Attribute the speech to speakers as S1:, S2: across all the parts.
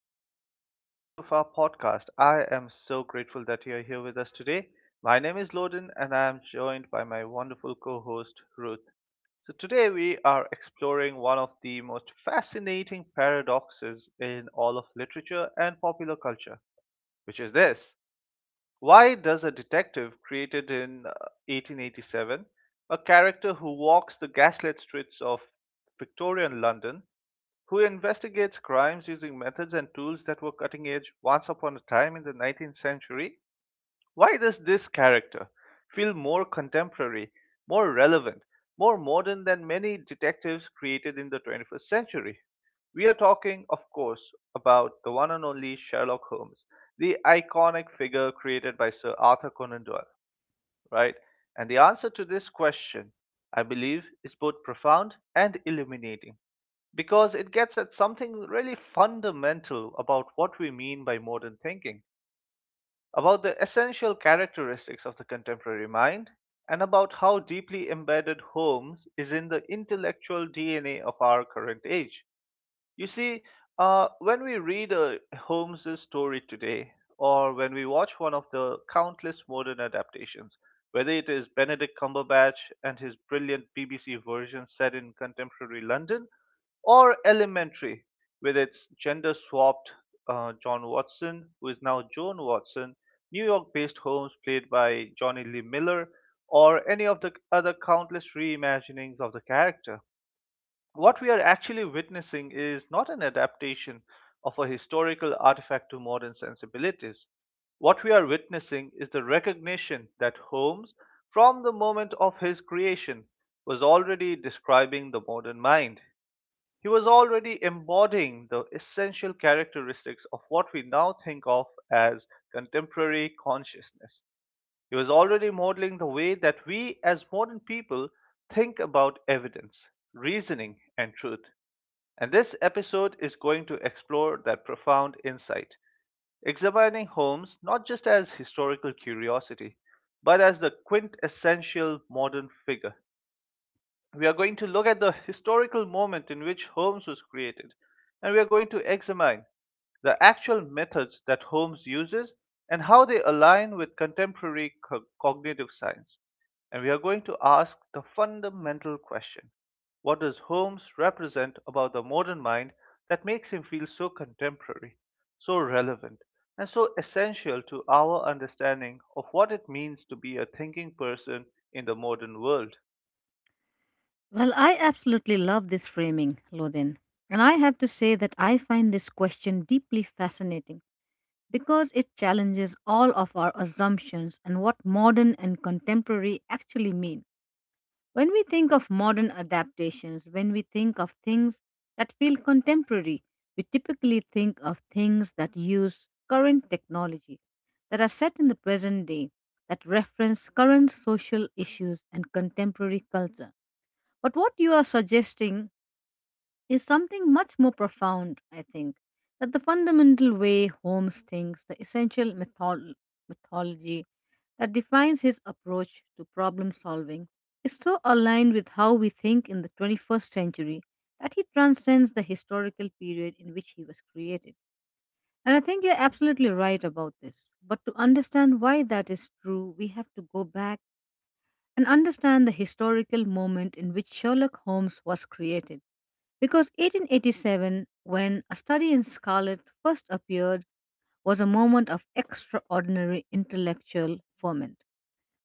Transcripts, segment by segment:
S1: to another episode of our podcast. I am so grateful that you are here with us today. My name is Loden, and I am joined by my wonderful co host, Ruth. So, today we are exploring one of the most fascinating paradoxes in all of literature and popular culture, which is this. Why does a detective created in 1887, a character who walks the gaslit streets of Victorian London, who investigates crimes using methods and tools that were cutting edge once upon a time in the 19th century. Why does this character feel more contemporary, more relevant, more modern than many detectives created in the 21st century? We are talking, of course, about the one and only Sherlock Holmes, the iconic figure created by Sir Arthur Conan Doyle, right? And the answer to this question, I believe, is both profound and illuminating because it gets at something really fundamental about what we mean by modern thinking, about the essential characteristics of the contemporary mind, and about how deeply embedded Holmes is in the intellectual DNA of our current age. You see, when we read Holmes's story today, or when we watch one of the countless modern adaptations, whether it is Benedict Cumberbatch and his brilliant BBC version set in contemporary London, or Elementary, with its gender swapped John Watson, who is now Joan Watson, New York based Holmes played by Johnny Lee Miller, or any of the other countless reimaginings of the character. What we are actually witnessing is not an adaptation of a historical artifact to modern sensibilities. What we are witnessing is the recognition that Holmes, from the moment of his creation, was already describing the modern mind. He was already embodying the essential characteristics of what we now think of as contemporary consciousness. He was already modeling the way that we, as modern people, think about evidence, reasoning, and truth. And this episode is going to explore that profound insight, examining Holmes not just as historical curiosity, but as the quintessential modern figure. We are going to look at the historical moment in which Holmes was created, and we are going to examine the actual methods that Holmes uses and how they align with contemporary cognitive science. And we are going to ask the fundamental question, what does Holmes represent about the modern mind that makes him feel so contemporary, so relevant, and so essential to our understanding of what it means to be a thinking person in the modern world?
S2: Well, I absolutely love this framing, Lodin. And I have to say that I find this question deeply fascinating because it challenges all of our assumptions and what modern and contemporary actually mean. When we think of modern adaptations, when we think of things that feel contemporary, we typically think of things that use current technology, that are set in the present day, that reference current social issues and contemporary culture. But what you are suggesting is something much more profound, I think. That the fundamental way Holmes thinks, the essential mythology that defines his approach to problem solving, is so aligned with how we think in the 21st century that he transcends the historical period in which he was created. And I think you're absolutely right about this. But to understand why that is true, we have to go back and understand the historical moment in which Sherlock Holmes was created because 1887, when a study in scarlet first appeared, was a moment of extraordinary intellectual ferment.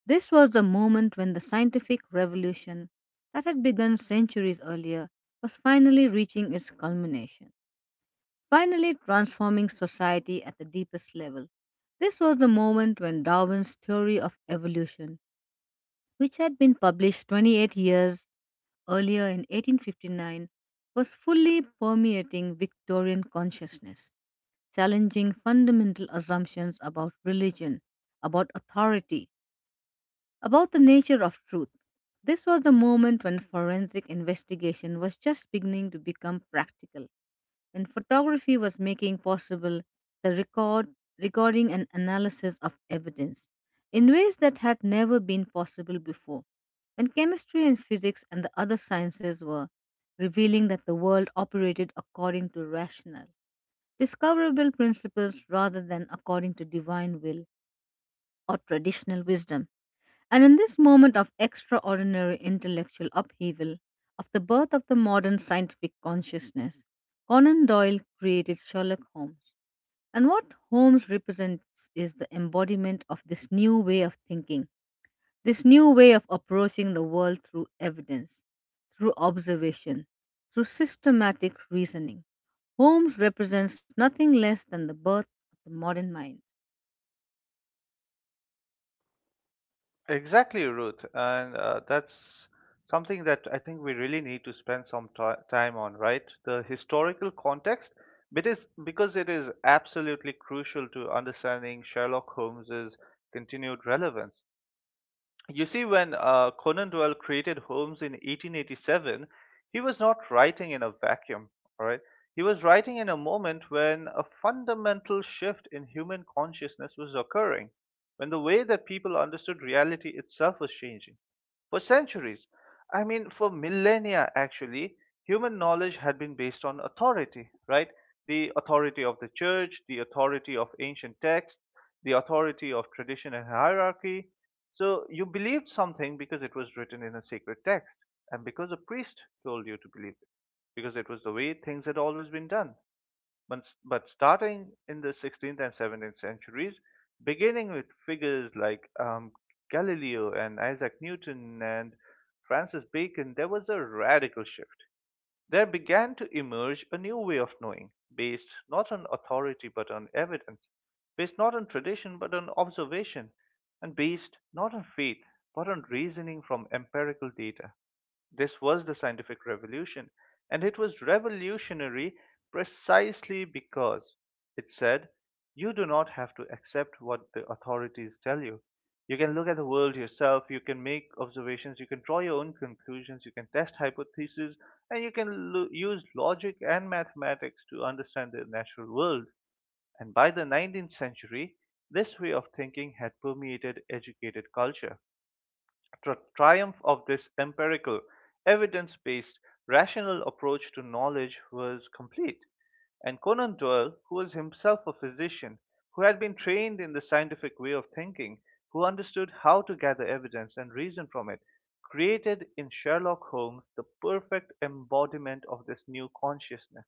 S2: This was the moment when the scientific revolution that had begun centuries earlier was finally reaching its culmination, finally transforming society at the deepest level. This was the moment when Darwin's theory of evolution, which had been published 28 years earlier in 1859, was fully permeating Victorian consciousness, challenging fundamental assumptions about religion, about authority, about the nature of truth. This was the moment when forensic investigation was just beginning to become practical, when photography was making possible the recording and analysis of evidence in ways that had never been possible before, when chemistry and physics and the other sciences were revealing that the world operated according to rational, discoverable principles rather than according to divine will or traditional wisdom. And in this moment of extraordinary intellectual upheaval, of the birth of the modern scientific consciousness, Conan Doyle created Sherlock Holmes. And what Holmes represents is the embodiment of this new way of thinking, this new way of approaching the world through evidence, through observation, through systematic reasoning. Holmes represents nothing less than the birth of the modern mind.
S1: Exactly, Ruth. And that's something that I think we really need to spend some ti time on, right? The historical context, because it is absolutely crucial to understanding Sherlock Holmes's continued relevance. You see, when Conan Doyle created Holmes in 1887, he was not writing in a vacuum, all right? He was writing in a moment when a fundamental shift in human consciousness was occurring, when the way that people understood reality itself was changing. For centuries, I mean, for millennia actually, human knowledge had been based on authority, right? The authority of the church, the authority of ancient texts, the authority of tradition and hierarchy, so you believed something because it was written in a sacred text and because a priest told you to believe it, because it was the way things had always been done. But starting in the 16th and 17th centuries, beginning with figures like Galileo and Isaac Newton and Francis Bacon, there was a radical shift. There began to emerge a new way of knowing, based not on authority but on evidence, based not on tradition but on observation, and based not on faith but on reasoning from empirical data. This was the scientific revolution, and it was revolutionary precisely because it said, you do not have to accept what the authorities tell you. You can look at the world yourself, you can make observations, you can draw your own conclusions, you can test hypotheses, and you can use logic and mathematics to understand the natural world. And by the 19th century, this way of thinking had permeated educated culture. Triumph of this empirical, evidence based, rational approach to knowledge was complete, and Conan Doyle, who was himself a physician, who had been trained in the scientific way of thinking, who understood how to gather evidence and reason from it, created in Sherlock Holmes the perfect embodiment of this new consciousness.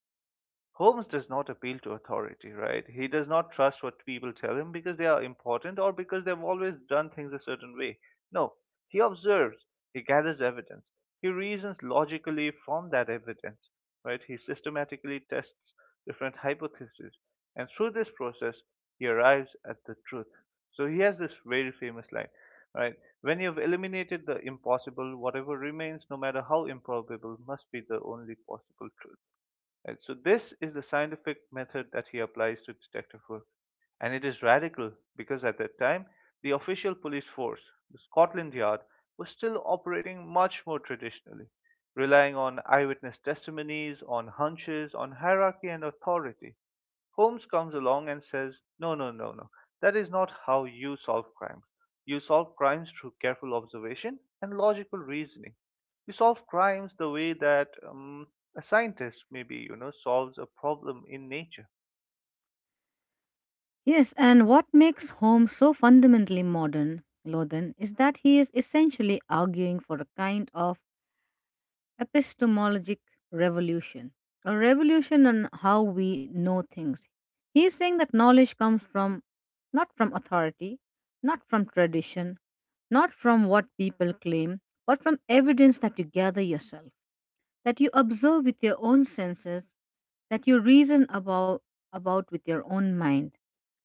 S1: Holmes does not appeal to authority, right? He does not trust what people tell him because they are important or because they've always done things a certain way. No, he observes, he gathers evidence, he reasons logically from that evidence, right? He systematically tests different hypotheses, and through this process, he arrives at the truth. So he has this very famous line, right? When you've eliminated the impossible, whatever remains, no matter how improbable, must be the only possible truth. Right, so this is the scientific method that he applies to detective work, and it is radical because at that time the official police force, the Scotland Yard, was still operating much more traditionally, relying on eyewitness testimonies, on hunches, on hierarchy and authority. Holmes comes along and says, "No, no, no, no. That is not how you solve crimes. You solve crimes through careful observation and logical reasoning. You solve crimes the way that a scientist maybe, you know, solves a problem in nature."
S2: Yes, and what makes Home so fundamentally modern, Lothan, is that he is essentially arguing for a kind of epistemologic revolution, a revolution in how we know things. He is saying that knowledge comes from not from authority, not from tradition, not from what people claim, but from evidence that you gather yourself, that you observe with your own senses, that you reason about with your own mind.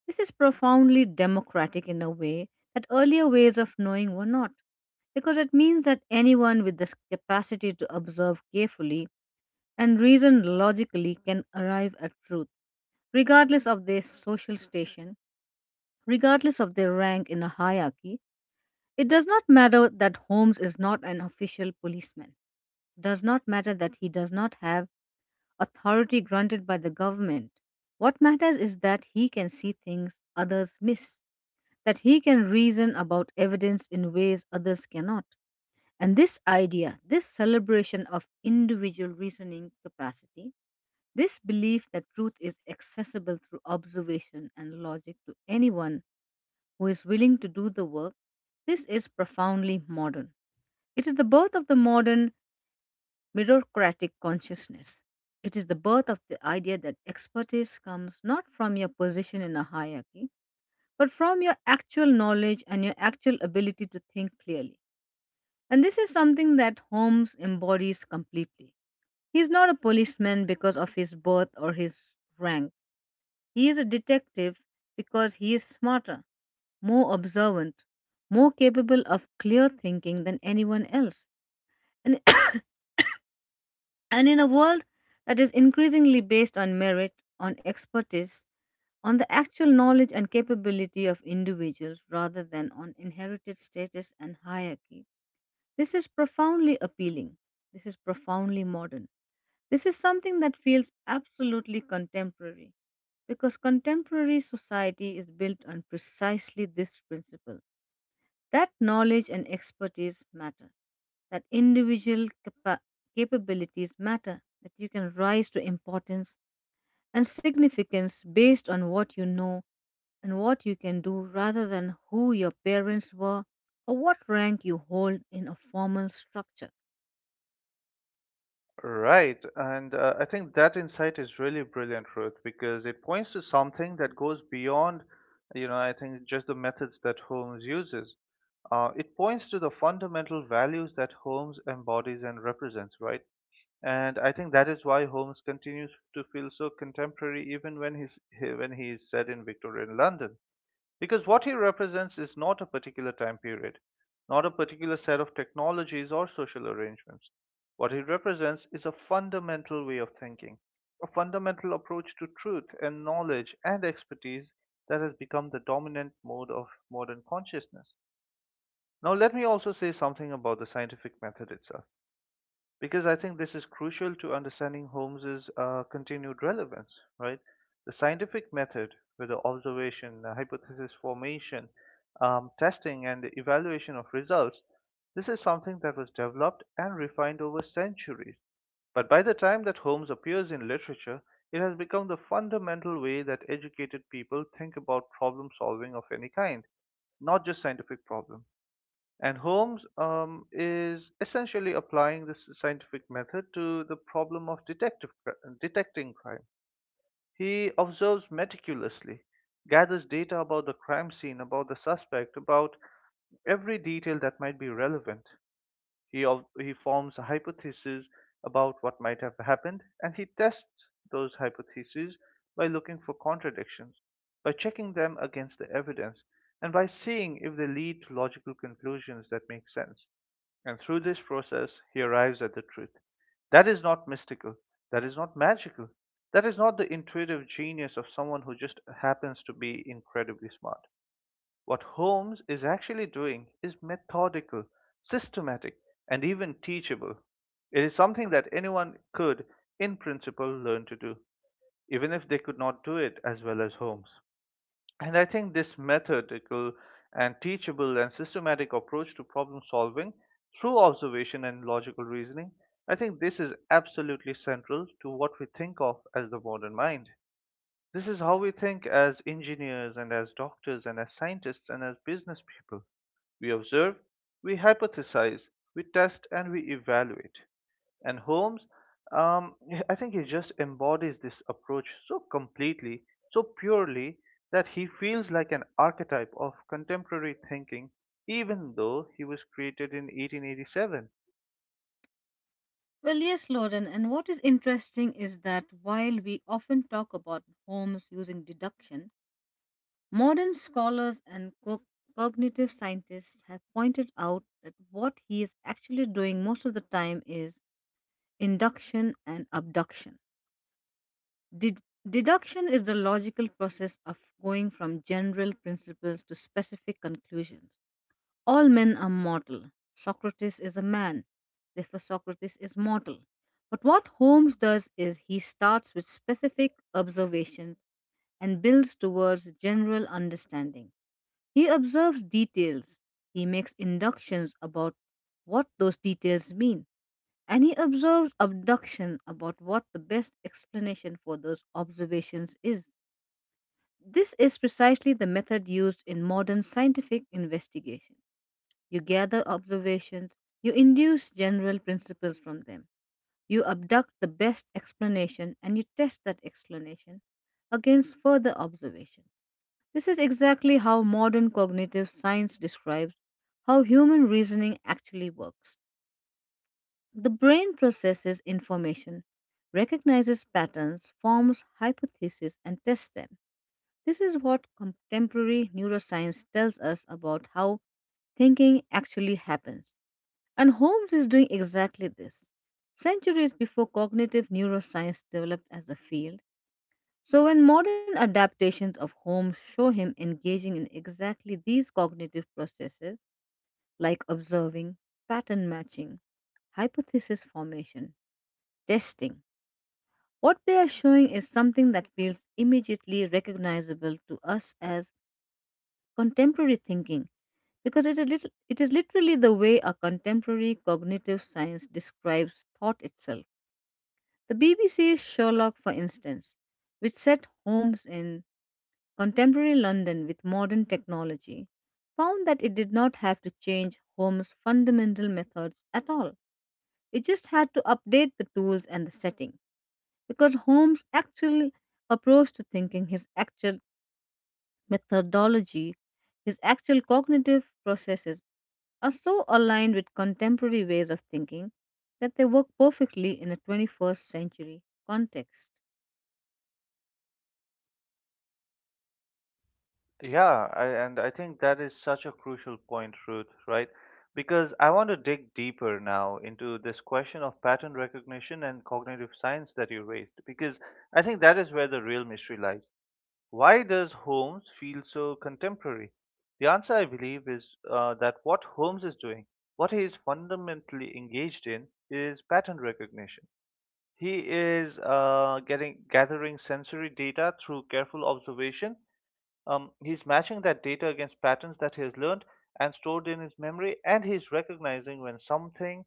S2: This is profoundly democratic in a way that earlier ways of knowing were not, because it means that anyone with this capacity to observe carefully and reason logically can arrive at truth, regardless of their social station, regardless of their rank in a hierarchy. It does not matter that Holmes is not an official policeman, does not matter that he does not have authority granted by the government. What matters is that he can see things others miss, that he can reason about evidence in ways others cannot. And this idea, this celebration of individual reasoning capacity, this belief that truth is accessible through observation and logic to anyone who is willing to do the work, this is profoundly modern. It is the birth of the modern meritocratic consciousness. It is the birth of the idea that expertise comes not from your position in a hierarchy, but from your actual knowledge and your actual ability to think clearly. And this is something that Holmes embodies completely. He is not a policeman because of his birth or his rank. He is a detective because he is smarter, more observant, more capable of clear thinking than anyone else. And And in a world that is increasingly based on merit, on expertise, on the actual knowledge and capability of individuals rather than on inherited status and hierarchy, this is profoundly appealing. This is profoundly modern. This is something that feels absolutely contemporary because contemporary society is built on precisely this principle, that knowledge and expertise matter, that capabilities matter, that you can rise to importance and significance based on what you know and what you can do rather than who your parents were or what rank you hold in a formal structure.
S1: Right, and I think that insight is really brilliant, Ruth, because it points to something that goes beyond, you know, I think just the methods that Holmes uses. It points to the fundamental values that Holmes embodies and represents, right? And I think that is why Holmes continues to feel so contemporary even when when he is set in Victorian London, because what he represents is not a particular time period, not a particular set of technologies or social arrangements. What he represents is a fundamental way of thinking, a fundamental approach to truth and knowledge and expertise that has become the dominant mode of modern consciousness. Now, let me also say something about the scientific method itself because I think this is crucial to understanding Holmes's continued relevance, right? The scientific method, with the observation, the hypothesis formation, testing, and the evaluation of results, this is something that was developed and refined over centuries. But by the time that Holmes appears in literature, it has become the fundamental way that educated people think about problem solving of any kind, not just scientific problems. And Holmes is essentially applying this scientific method to the problem of detective detecting crime. He observes meticulously, gathers data about the crime scene, about the suspect, about every detail that might be relevant. He, he forms a hypothesis about what might have happened, and he tests those hypotheses by looking for contradictions, by checking them against the evidence, and by seeing if they lead to logical conclusions that make sense. And through this process, he arrives at the truth. That is not mystical. That is not magical. That is not the intuitive genius of someone who just happens to be incredibly smart. What Holmes is actually doing is methodical, systematic, and even teachable. It is something that anyone could, in principle, learn to do, even if they could not do it as well as Holmes. And I think this methodical and teachable and systematic approach to problem solving through observation and logical reasoning, I think this is absolutely central to what we think of as the modern mind. This is how we think as engineers and as doctors and as scientists and as business people. We observe, we hypothesize, we test, and we evaluate. And Holmes, um, I think he just embodies this approach so completely, so purely, that he feels like an archetype of contemporary thinking, even though he was created in 1887.
S2: Well, yes, Lauren, and what is interesting is that while we often talk about Holmes using deduction, modern scholars and cognitive scientists have pointed out that what he is actually doing most of the time is induction and abduction. Ded- Deduction is the logical process of going from general principles to specific conclusions. All men are mortal. Socrates is a man, therefore, Socrates is mortal. But what Holmes does is he starts with specific observations and builds towards general understanding. He observes details, he makes inductions about what those details mean, and he observes abduction about what the best explanation for those observations is. This is precisely the method used in modern scientific investigation. You gather observations, you induce general principles from them, you abduct the best explanation, and you test that explanation against further observations. This is exactly how modern cognitive science describes how human reasoning actually works. The brain processes information, recognizes patterns, forms hypotheses, and tests them. This is what contemporary neuroscience tells us about how thinking actually happens. And Holmes is doing exactly this, centuries before cognitive neuroscience developed as a field. So when modern adaptations of Holmes show him engaging in exactly these cognitive processes, like observing, pattern matching, hypothesis formation, testing, what they are showing is something that feels immediately recognizable to us as contemporary thinking, because it is, it is literally the way a contemporary cognitive science describes thought itself. The BBC's Sherlock, for instance, which set Holmes in contemporary London with modern technology, found that it did not have to change Holmes' fundamental methods at all. It just had to update the tools and the setting, because Holmes' actual approach to thinking, his actual methodology, his actual cognitive processes are so aligned with contemporary ways of thinking that they work perfectly in a 21st century context.
S1: Yeah, and I think that is such a crucial point, Ruth, right? Because I want to dig deeper now into this question of pattern recognition and cognitive science that you raised, because I think that is where the real mystery lies. Why does Holmes feel so contemporary? The answer, I believe, is that what Holmes is doing, what he is fundamentally engaged in, is pattern recognition. He is getting gathering sensory data through careful observation. He's matching that data against patterns that he has learned and stored in his memory, and he's recognizing when something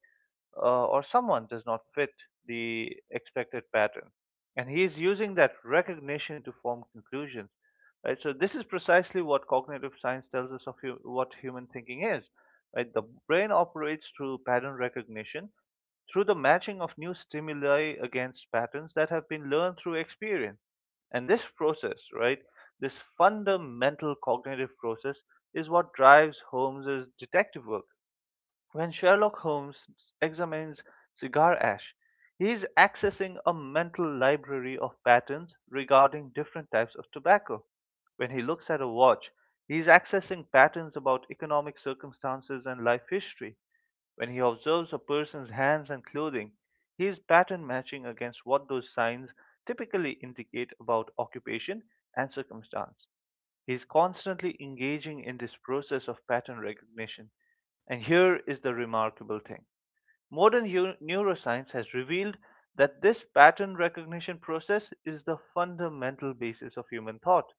S1: or someone does not fit the expected pattern. And he is using that recognition to form conclusions. Right? So this is precisely what cognitive science tells us of what human thinking is. Right? The brain operates through pattern recognition, through the matching of new stimuli against patterns that have been learned through experience. And this process, right, this fundamental cognitive process is what drives Holmes's detective work. When Sherlock Holmes examines cigar ash, he is accessing a mental library of patterns regarding different types of tobacco. When he looks at a watch, he is accessing patterns about economic circumstances and life history. When he observes a person's hands and clothing, he is pattern matching against what those signs typically indicate about occupation and circumstance. He is constantly engaging in this process of pattern recognition. And here is the remarkable thing, modern neuroscience has revealed that this pattern recognition process is the fundamental basis of human thought.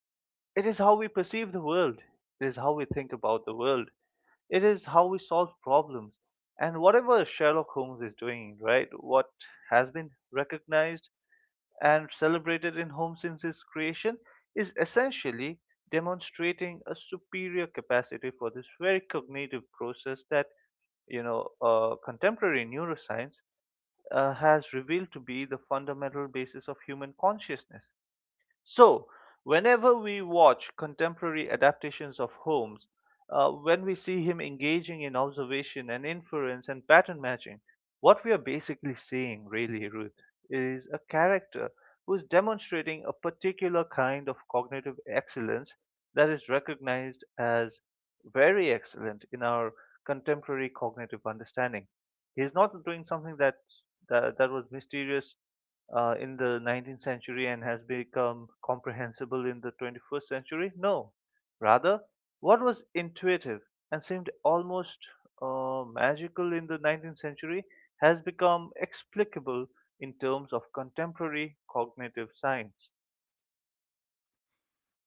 S1: It is how we perceive the world, it is how we think about the world, it is how we solve problems. And whatever Sherlock Holmes is doing, right, what has been recognized and celebrated in Holmes since his creation, is essentially demonstrating a superior capacity for this very cognitive process that contemporary neuroscience has revealed to be the fundamental basis of human consciousness. So, whenever we watch contemporary adaptations of Holmes, when we see him engaging in observation and inference and pattern matching, what we are basically seeing, really, Ruth, is a character who is demonstrating a particular kind of cognitive excellence that is recognized as very excellent in our contemporary cognitive understanding. He's not doing something that was mysterious in the 19th century and has become comprehensible in the 21st century? No. Rather, what was intuitive and seemed almost magical in the 19th century has become explicable in terms of contemporary cognitive science.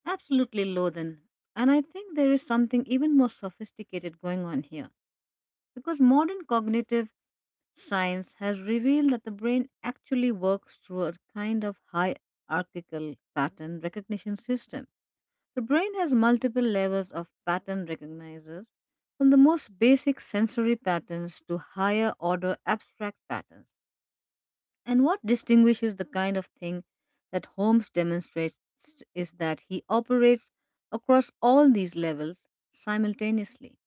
S2: Absolutely, Lothan. And I think there is something even more sophisticated going on here, because modern cognitive science has revealed that the brain actually works through a kind of hierarchical pattern recognition system. The brain has multiple levels of pattern recognizers, from the most basic sensory patterns to higher order abstract patterns. And what distinguishes the kind of thing that Holmes demonstrates is that he operates across all these levels simultaneously.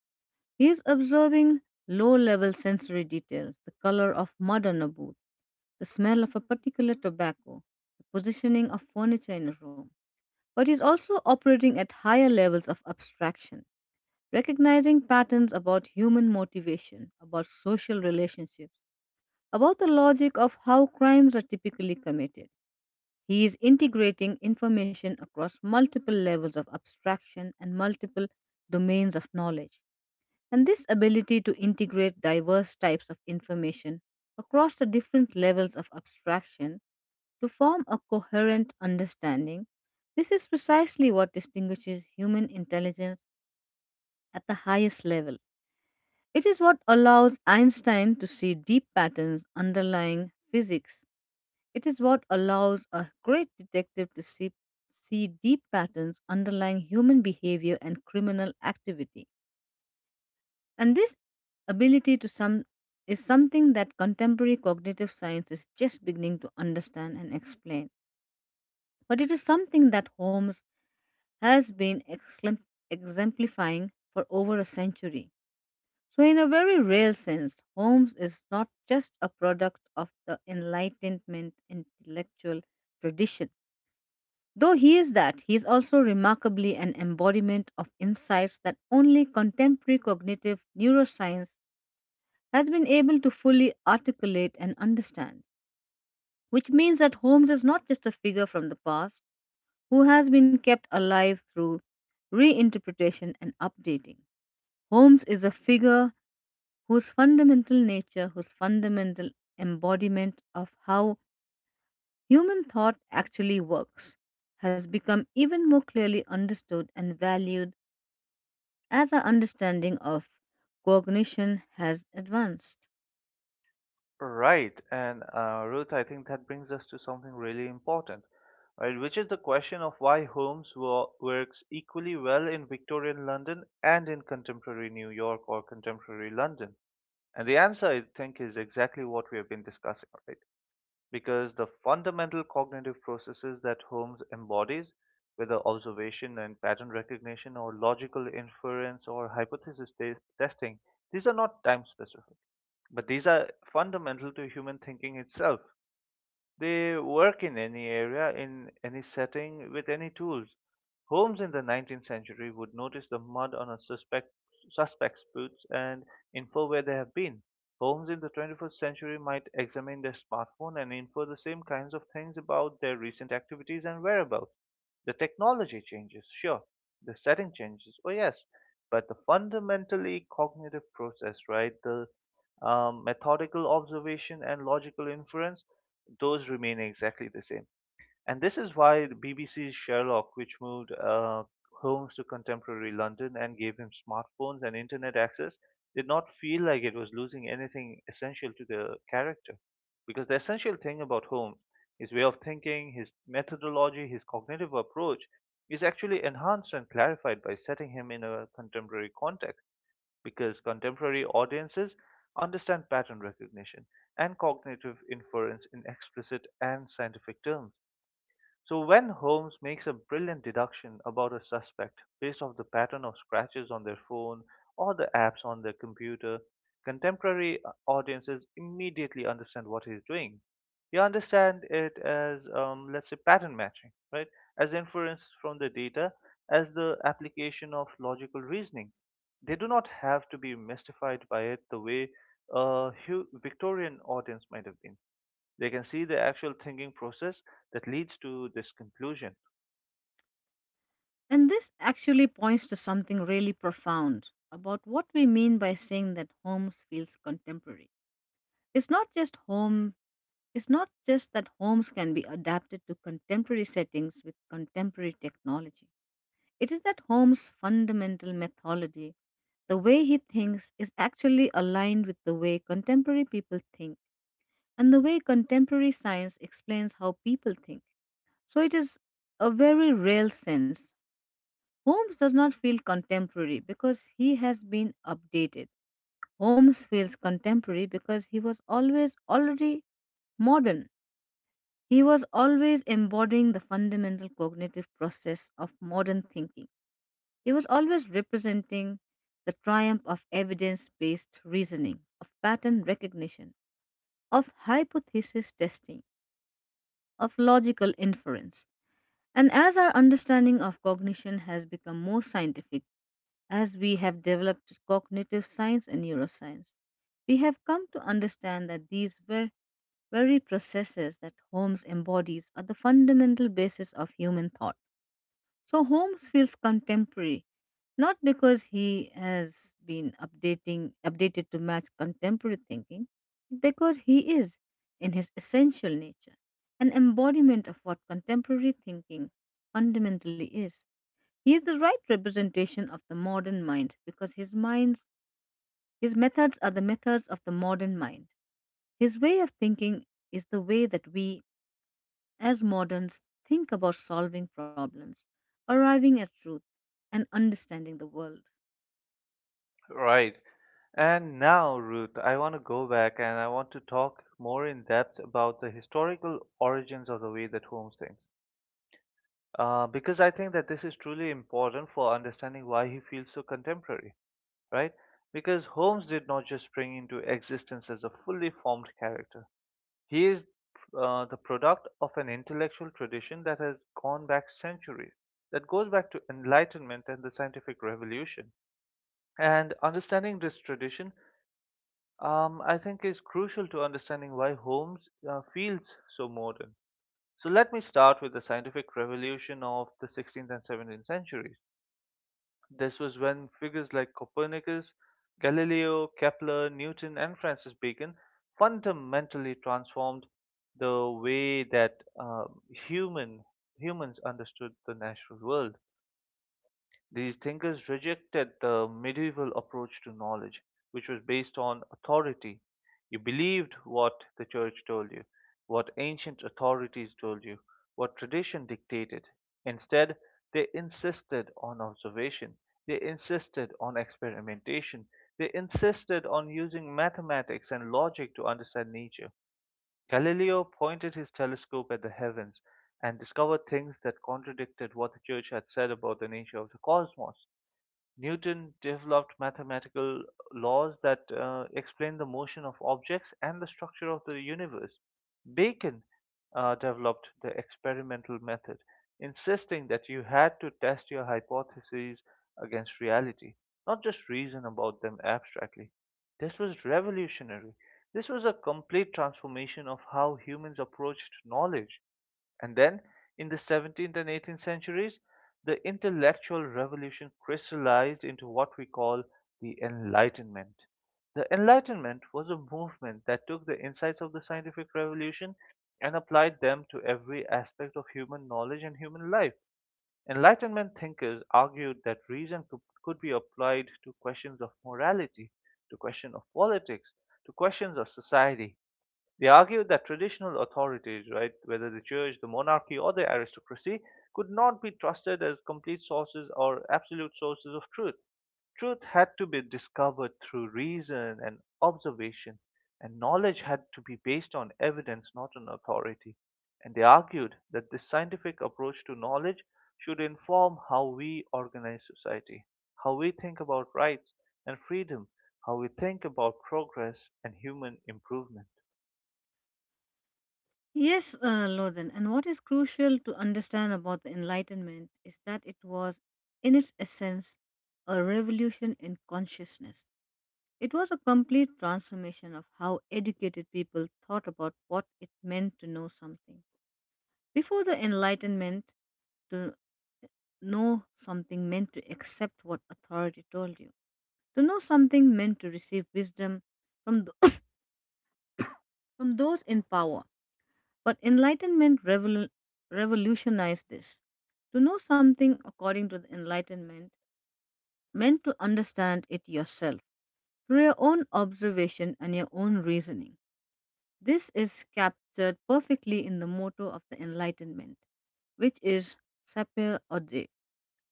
S2: He is observing low level sensory details, the color of mud on a booth, the smell of a particular tobacco, the positioning of furniture in a room, but is also operating at higher levels of abstraction, recognizing patterns about human motivation, about social relationships, about the logic of how crimes are typically committed. He is integrating information across multiple levels of abstraction and multiple domains of knowledge. And this ability to integrate diverse types of information across the different levels of abstraction to form a coherent understanding, this is precisely what distinguishes human intelligence at the highest level. It is what allows Einstein to see deep patterns underlying physics. It is what allows a great detective to see deep patterns underlying human behavior and criminal activity. And this ability to sum is something that contemporary cognitive science is just beginning to understand and explain. But it is something that Holmes has been exemplifying for over a century. So, in a very real sense, Holmes is not just a product of the Enlightenment intellectual tradition. Though he is that, he is also remarkably an embodiment of insights that only contemporary cognitive neuroscience has been able to fully articulate and understand, which means that Holmes is not just a figure from the past who has been kept alive through reinterpretation and updating. Holmes is a figure whose fundamental nature, whose fundamental embodiment of how human thought actually works, has become even more clearly understood and valued as our understanding of cognition has advanced.
S1: Right, and Ruth, I think that brings us to something really important, right? Which is the question of why works equally well in Victorian London and in contemporary New York or contemporary London. And the answer, I think, is exactly what we have been discussing, right? Because the fundamental cognitive processes that Holmes embodies, whether observation and pattern recognition or logical inference or testing, these are not time specific, but these are fundamental to human thinking itself. They work in any area, in any setting, with any tools. Holmes in the 19th century would notice the mud on a suspect's boots and infer where they have been. Holmes in the 21st century might examine their smartphone and infer the same kinds of things about their recent activities and whereabouts. The technology changes, sure. The setting changes, oh yes. But the fundamentally cognitive process, right? The methodical observation and logical inference, those remain exactly the same. And this is why the BBC's Sherlock, which moved Holmes to contemporary London and gave him smartphones and internet access, did not feel like it was losing anything essential to the character. Because the essential thing about Holmes, his way of thinking, his methodology, his cognitive approach, is actually enhanced and clarified by setting him in a contemporary context because contemporary audiences understand pattern recognition and cognitive inference in explicit and scientific terms. So when Holmes makes a brilliant deduction about a suspect based off the pattern of scratches on their phone or the apps on their computer, contemporary audiences immediately understand what he's doing. They understand it as, let's say, pattern matching, right? As inference from the data, as the application of logical reasoning. They do not have to be mystified by it the way Victorian audience might have been. They can see the actual thinking process that leads to this conclusion.
S2: And this actually points to something really profound about what we mean by saying that homes feels contemporary. It's not just home, it's not just that homes can be adapted to contemporary settings with contemporary technology. It is that home's fundamental methodology, the way he thinks, is actually aligned with the way contemporary people think and the way contemporary science explains how people think. So it is a very real sense Holmes does not feel contemporary because he has been updated. Holmes feels contemporary because he was always already modern. He was always embodying the fundamental cognitive process of modern thinking. He was always representing the triumph of evidence based reasoning, of pattern recognition, of hypothesis testing, of logical inference. And as our understanding of cognition has become more scientific, as we have developed cognitive science and neuroscience, we have come to understand that these very processes that Holmes embodies are the fundamental basis of human thought. So Holmes feels contemporary not because he has been updating updated to match contemporary thinking, but because he is, in his essential nature, an embodiment of what contemporary thinking fundamentally is. He is the right representation of the modern mind because his methods are the methods of the modern mind. His way of thinking is the way that we, as moderns, think about solving problems, arriving at truth, and understanding the world.
S1: Right. And now, Ruth, I want to go back and I want to talk more in depth about the historical origins of the way that Holmes thinks. Because I think that this is truly important for understanding why he feels so contemporary, right? Because Holmes did not just spring into existence as a fully formed character. He is the product of an intellectual tradition that has gone back centuries, that goes back to Enlightenment and the scientific revolution. And understanding this tradition, I think, is crucial to understanding why Holmes feels so modern. So let me start with the scientific revolution of the 16th and 17th centuries. This was when figures like Copernicus, Galileo, Kepler, Newton, and Francis Bacon fundamentally transformed the way that humans understood the natural world. These thinkers rejected the medieval approach to knowledge, which was based on authority. You believed what the church told you, what ancient authorities told you, what tradition dictated. Instead, they insisted on observation, they insisted on experimentation, they insisted on using mathematics and logic to understand nature. Galileo pointed his telescope at the heavens and discovered things that contradicted what the church had said about the nature of the cosmos. Newton developed mathematical laws that explain the motion of objects and the structure of the universe. Bacon developed the experimental method, insisting that you had to test your hypotheses against reality, not just reason about them abstractly. This was revolutionary. This was a complete transformation of how humans approached knowledge. And then, in the 17th and 18th centuries, the intellectual revolution crystallized into what we call the Enlightenment. The Enlightenment was a movement that took the insights of the scientific revolution and applied them to every aspect of human knowledge and human life. Enlightenment thinkers argued that reason could be applied to questions of morality, to questions of politics, to questions of society. They argued that traditional authorities, right, whether the church, the monarchy, or the aristocracy, could not be trusted as complete sources or absolute sources of truth. Truth had to be discovered through reason and observation, and knowledge had to be based on evidence, not on authority. And they argued that this scientific approach to knowledge should inform how we organize society, how we think about rights and freedom, how we think about progress and human improvement.
S2: Yes, Lothan, and what is crucial to understand about the Enlightenment is that it was, in its essence, a revolution in consciousness. It was a complete transformation of how educated people thought about what it meant to know something. Before the Enlightenment, to know something meant to accept what authority told you. To know something meant to receive wisdom from, th- from those in power. But revolutionized this. To know something, according to the Enlightenment, meant to understand it yourself through your own observation and your own reasoning. This is captured perfectly in the motto of the Enlightenment, which is sapere aude,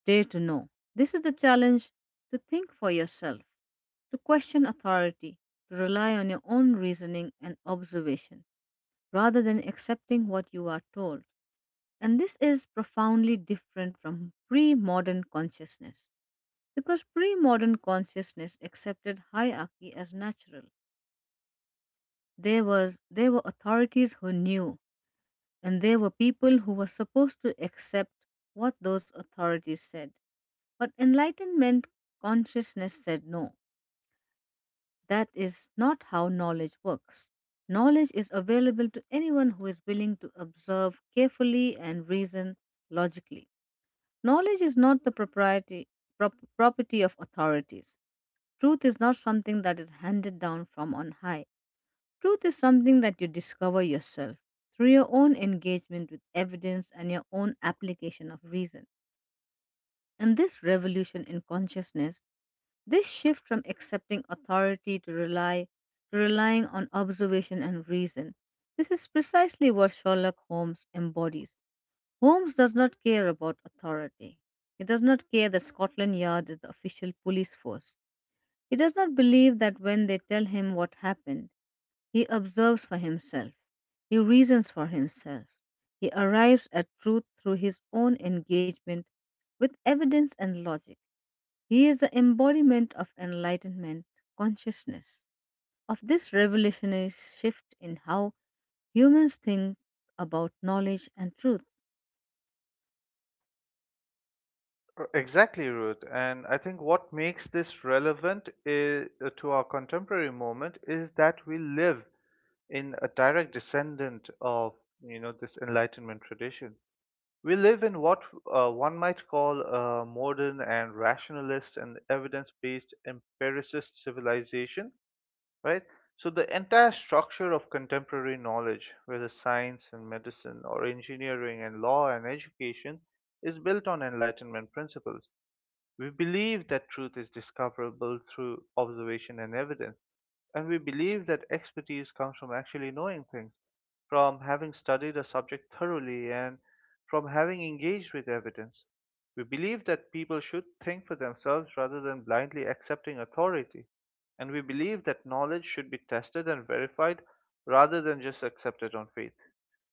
S2: dare to know. This is the challenge to think for yourself, to question authority, to rely on your own reasoning and observation rather than accepting what you are told. And this is profoundly different from pre modern consciousness, because pre modern consciousness accepted hierarchy as natural. There were authorities who knew. And there were people who were supposed to accept what those authorities said. But enlightenment consciousness said no. That is not how knowledge works. Knowledge is available to anyone who is willing to observe carefully and reason logically. Knowledge is not the property of authorities. Truth is not something that is handed down from on high. Truth is something that you discover yourself through your own engagement with evidence and your own application of reason. And this revolution in consciousness, this shift from accepting authority to relying on observation and reason, this is precisely what Sherlock Holmes embodies. Holmes does not care about authority. He does not care that Scotland Yard is the official police force. He does not believe that when they tell him what happened, he observes for himself. He reasons for himself. He arrives at truth through his own engagement with evidence and logic. He is the embodiment of enlightenment consciousness. Of this revolutionary shift in how humans think about knowledge and truth.
S1: Exactly, Ruth. And I think what makes this relevant is, to our contemporary moment is that we live in a direct descendant of, you know, this enlightenment tradition. We live in what one might call a modern and rationalist and evidence-based empiricist civilization, right? So the entire structure of contemporary knowledge, whether science and medicine or engineering and law and education, is built on enlightenment principles. We believe that truth is discoverable through observation and evidence, and we believe that expertise comes from actually knowing things, from having studied a subject thoroughly, and from having engaged with evidence. We believe that people should think for themselves rather than blindly accepting authority, and we believe that knowledge should be tested and verified rather than just accepted on faith.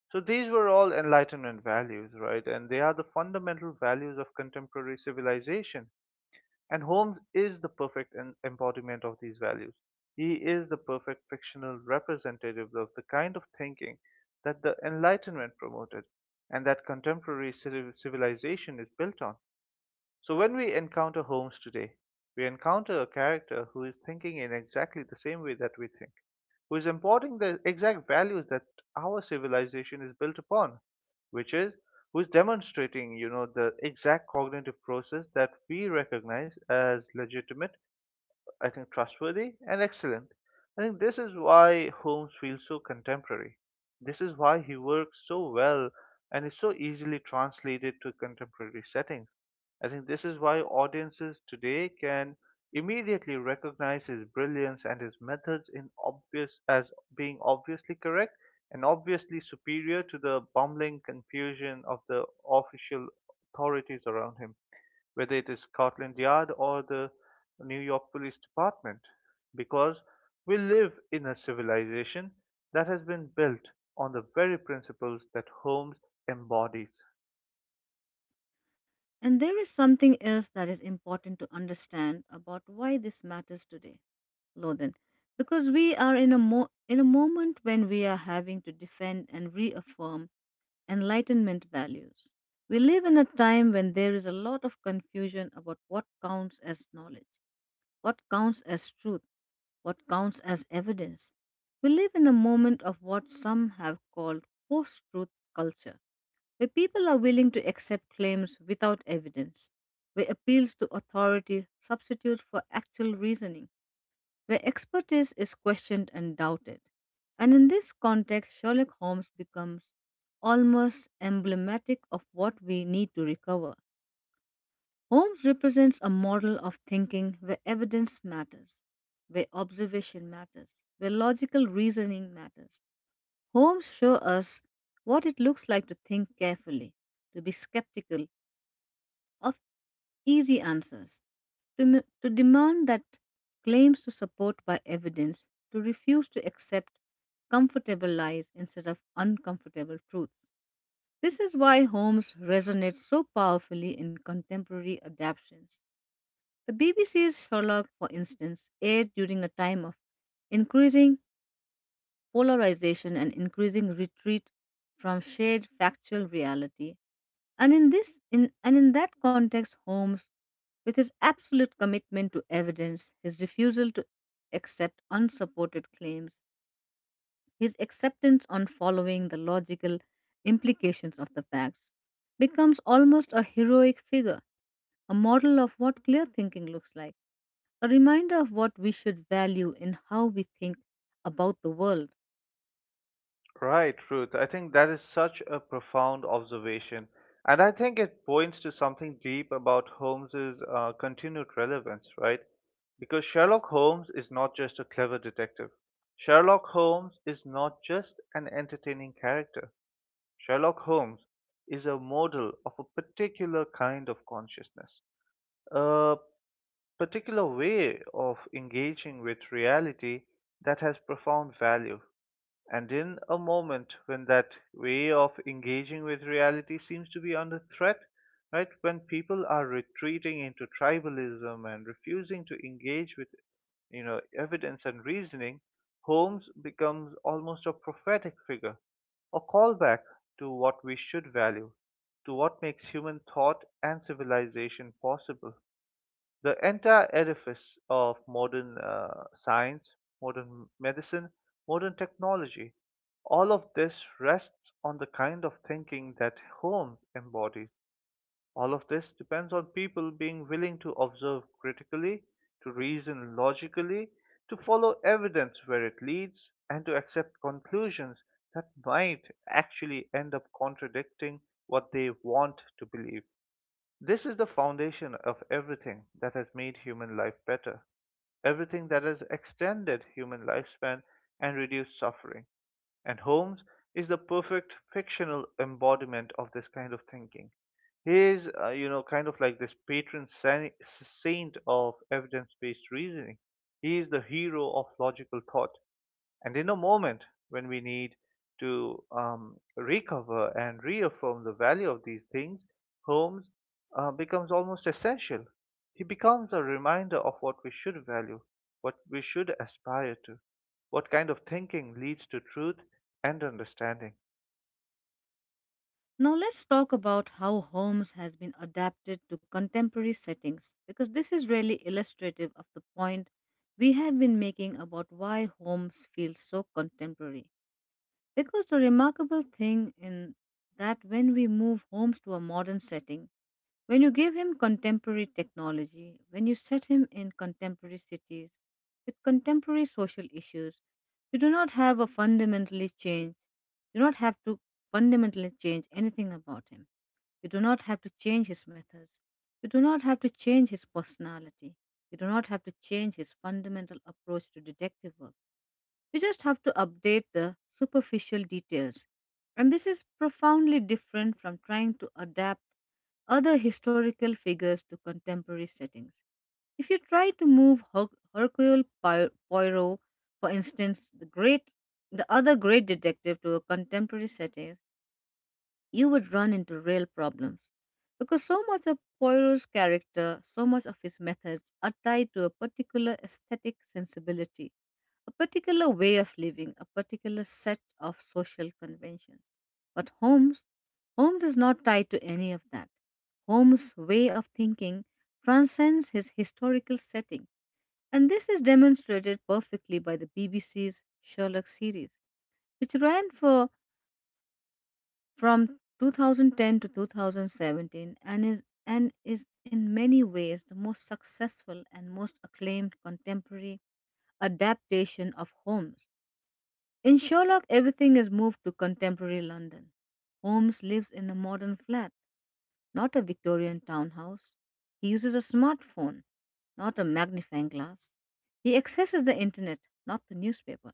S1: So these were all Enlightenment values, right? And they are the fundamental values of contemporary civilization, and Holmes is the perfect embodiment of these values. He is the perfect fictional representative of the kind of thinking that the Enlightenment promoted and that contemporary civilization is built on. So when we encounter Holmes today, we encounter a character who is thinking in exactly the same way that we think, who is importing the exact values that our civilization is built upon, which is who is demonstrating, you know, the exact cognitive process that we recognize as legitimate, I think, trustworthy and excellent. I think this is why Holmes feels so contemporary. This is why he works so well and is so easily translated to contemporary settings. I think this is why audiences today can immediately recognize his brilliance and his methods in obvious as being obviously correct and obviously superior to the bumbling confusion of the official authorities around him, whether it is Scotland Yard or the New York Police Department, because we live in a civilization that has been built on the very principles that Holmes embodies.
S2: And there is something else that is important to understand about why this matters today, Lodhan, because we are in a in a moment when we are having to defend and reaffirm enlightenment values. We live in a time when there is a lot of confusion about what counts as knowledge, what counts as truth, what counts as evidence. We live in a moment of what some have called post truth culture, where people are willing to accept claims without evidence, where appeals to authority substitute for actual reasoning, where expertise is questioned and doubted. And in this context, Sherlock Holmes becomes almost emblematic of what we need to recover. Holmes represents a model of thinking where evidence matters, where observation matters, where logical reasoning matters. Holmes shows us what it looks like to think carefully, to be skeptical of easy answers, to demand that claims to support by evidence, to refuse to accept comfortable lies instead of uncomfortable truths. This is why Holmes resonates so powerfully in contemporary adaptations. The BBC's Sherlock, for instance, aired during a time of increasing polarization and increasing retreat from shared factual reality, and in this in and in that context, Holmes, with his absolute commitment to evidence, his refusal to accept unsupported claims, his acceptance on following the logical implications of the facts, becomes almost a heroic figure, a model of what clear thinking looks like, a reminder of what we should value in how we think about the world.
S1: Right, Ruth. I think that is such a profound observation. And I think it points to something deep about Holmes's continued relevance, right? Because Sherlock Holmes is not just a clever detective. Sherlock Holmes is not just an entertaining character. Sherlock Holmes is a model of a particular kind of consciousness, a particular way of engaging with reality that has profound value. And in a moment when that way of engaging with reality seems to be under threat, right, when people are retreating into tribalism and refusing to engage with, you know, evidence and reasoning, Holmes becomes almost a prophetic figure, a callback to what we should value, to what makes human thought and civilization possible. The entire edifice of modern science, modern medicine, modern technology, all of this rests on the kind of thinking that Holmes embodies. All of this depends on people being willing to observe critically, to reason logically, to follow evidence where it leads, and to accept conclusions that might actually end up contradicting what they want to believe. This is the foundation of everything that has made human life better, everything that has extended human lifespan and reduced suffering. And Holmes is the perfect fictional embodiment of this kind of thinking. He is, kind of like this patron saint of evidence based reasoning. He is the hero of logical thought. And in a moment when we need to recover and reaffirm the value of these things, Holmes becomes almost essential. He becomes a reminder of what we should value, what we should aspire to, what kind of thinking leads to truth and understanding.
S2: Now let's talk about how Holmes has been adapted to contemporary settings, because this is really illustrative of the point we have been making about why Holmes feels so contemporary. Because the remarkable thing in that when we move Holmes to a modern setting, when you give him contemporary technology, when you set him in contemporary cities with contemporary social issues, you do not have a fundamentally change. You do not have to fundamentally change anything about him. You do not have to change his methods. You do not have to change his personality. You do not have to change his fundamental approach to detective work. We just have to update the superficial details. And this is profoundly different from trying to adapt other historical figures to contemporary settings. If you try to move Poirot, for instance, the the other great detective, to a contemporary setting, you would run into real problems, because so much of Poirot's character, so much of his methods, are tied to a particular aesthetic sensibility, a particular way of living, a particular set of social conventions. But Holmes, Holmes is not tied to any of that. Holmes' way of thinking transcends his historical setting, and this is demonstrated perfectly by the BBC's Sherlock series, which ran for from 2010 to 2017, and is in many ways the most successful and most acclaimed contemporary adaptation of Holmes. In Sherlock, everything is moved to contemporary London. Holmes lives in a modern flat, not a Victorian townhouse. He uses a smartphone, not a magnifying glass. He accesses the internet, not the newspaper.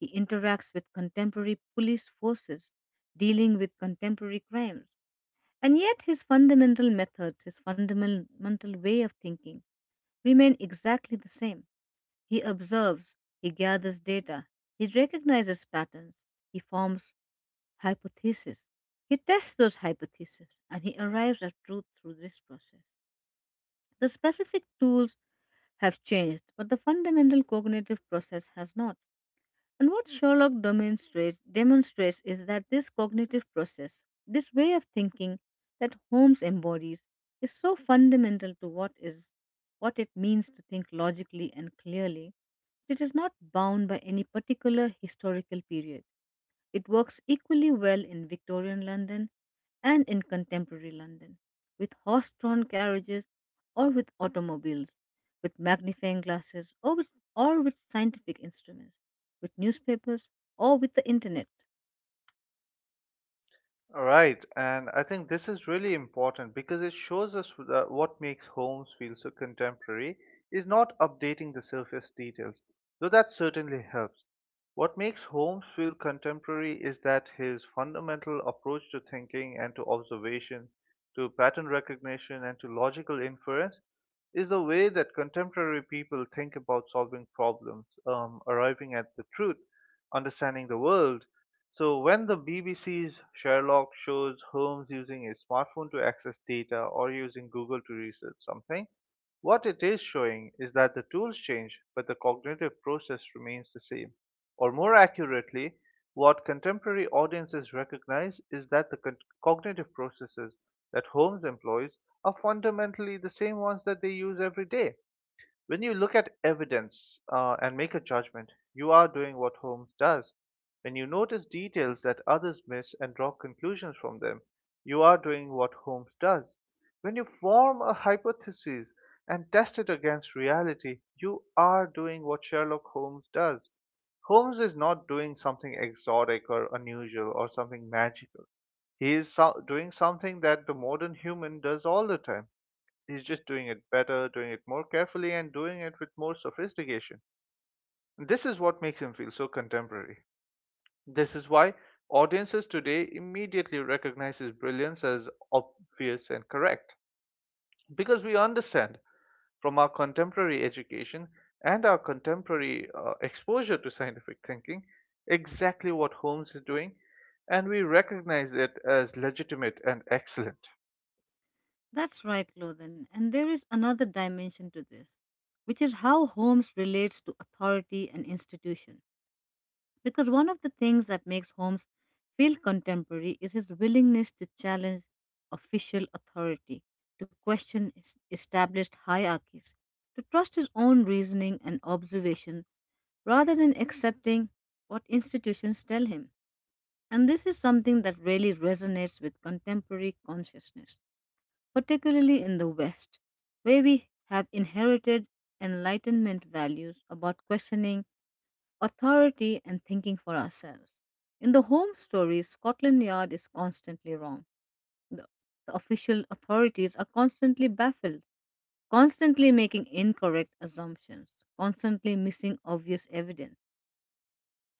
S2: He interacts with contemporary police forces dealing with contemporary crimes. And yet, his fundamental methods, his fundamental way of thinking, remain exactly the same. He observes, he gathers data, he recognizes patterns, he forms hypotheses. He tests those hypotheses and he arrives at truth through this process. The specific tools have changed, but the fundamental cognitive process has not. And what Sherlock demonstrates is that this cognitive process, this way of thinking that Holmes embodies, is so fundamental to what is what it means to think logically and clearly, that it is not bound by any particular historical period. It works equally well in Victorian London and in contemporary London, with horse drawn carriages or with automobiles, with magnifying glasses or or with scientific instruments, with newspapers or with the internet.
S1: All right, and I think this is really important because it shows us that what makes Holmes feel so contemporary is not updating the surface details, though that certainly helps. What makes Holmes feel contemporary is that his fundamental approach to thinking and to observation, to pattern recognition and to logical inference is the way that contemporary people think about solving problems, arriving at the truth, understanding the world. So when the BBC's Sherlock shows Holmes using a smartphone to access data or using Google to research something, what it is showing is that the tools change, but the cognitive process remains the same. Or more accurately, what contemporary audiences recognize is that the cognitive processes that Holmes employs are fundamentally the same ones that they use every day. When you look at evidence and make a judgment, you are doing what Holmes does. When you notice details that others miss and draw conclusions from them, you are doing what Holmes does. When you form a hypothesis and test it against reality, you are doing what Sherlock Holmes does. Holmes is not doing something exotic or unusual or something magical. He is doing something that the modern human does all the time. He's just doing it better, doing it more carefully, and doing it with more sophistication. This is what makes him feel so contemporary. This is why audiences today immediately recognize his brilliance as obvious and correct. Because we understand from our contemporary education and our contemporary exposure to scientific thinking exactly what Holmes is doing, and we recognize it as legitimate and excellent.
S2: That's right, Lothan, and there is another dimension to this, which is how Holmes relates to authority and institution. Because one of the things that makes Holmes feel contemporary is his willingness to challenge official authority, to question established hierarchies, to trust his own reasoning and observation rather than accepting what institutions tell him. And this is something that really resonates with contemporary consciousness, particularly in the West, where we have inherited Enlightenment values about questioning authority, and thinking for ourselves. In the home stories, Scotland Yard is constantly wrong. The, the official authorities are constantly baffled, constantly making incorrect assumptions, constantly missing obvious evidence.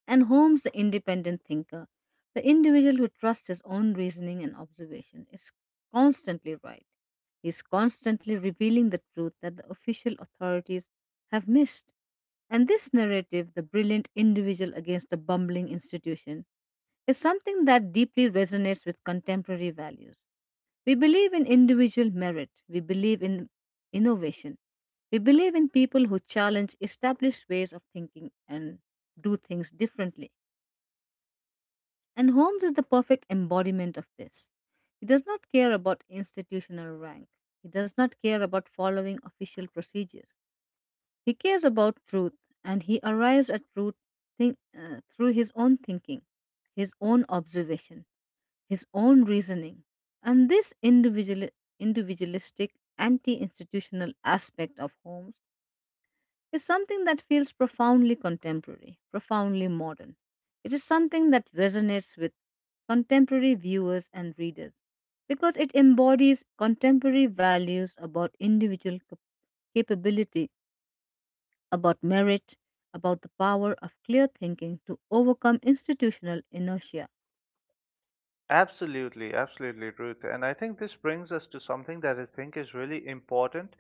S2: And Holmes, the independent thinker, the individual who trusts his own reasoning and observation, is constantly right. He is constantly revealing the truth that the official authorities have missed. And this narrative, the brilliant individual against a bumbling institution, is something that deeply resonates with contemporary values. We believe in individual merit, we believe in innovation, we believe in people who challenge established ways of thinking and do things differently. And Holmes is the perfect embodiment of this. He does not care about institutional rank, he does not care about following official procedures. He cares about truth, and he arrives at truth through his own thinking, his own observation, his own reasoning. And this individual, individualistic, anti institutional aspect of Holmes is something that feels profoundly contemporary, profoundly modern. It is something that resonates with contemporary viewers and readers because it embodies contemporary values about individual capability, about merit, about the power of clear thinking to overcome institutional inertia.
S1: Absolutely, absolutely, Ruth. And I think this brings us to something that I think is really important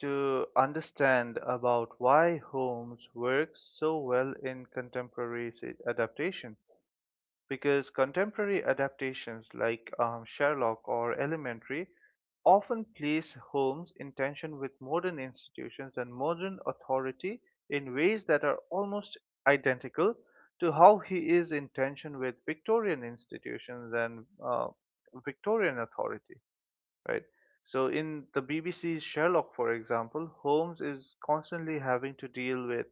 S1: to understand about why Holmes works so well in contemporary adaptation, because contemporary adaptations like Sherlock or Elementary often place Holmes in tension with modern institutions and modern authority in ways that are almost identical to how he is in tension with Victorian institutions and Victorian authority, right? So in the BBC's Sherlock, for example, Holmes is constantly having to deal with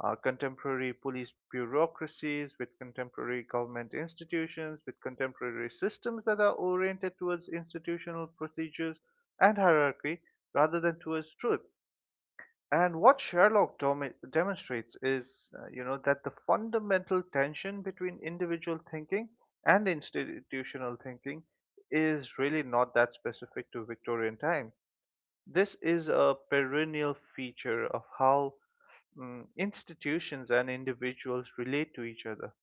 S1: contemporary police bureaucracies, with contemporary government institutions, with contemporary systems that are oriented towards institutional procedures and hierarchy rather than towards truth. And what Sherlock demonstrates is, that the fundamental tension between individual thinking and institutional thinking is really not that specific to Victorian time. This is a perennial feature of how institutions and individuals relate to each other.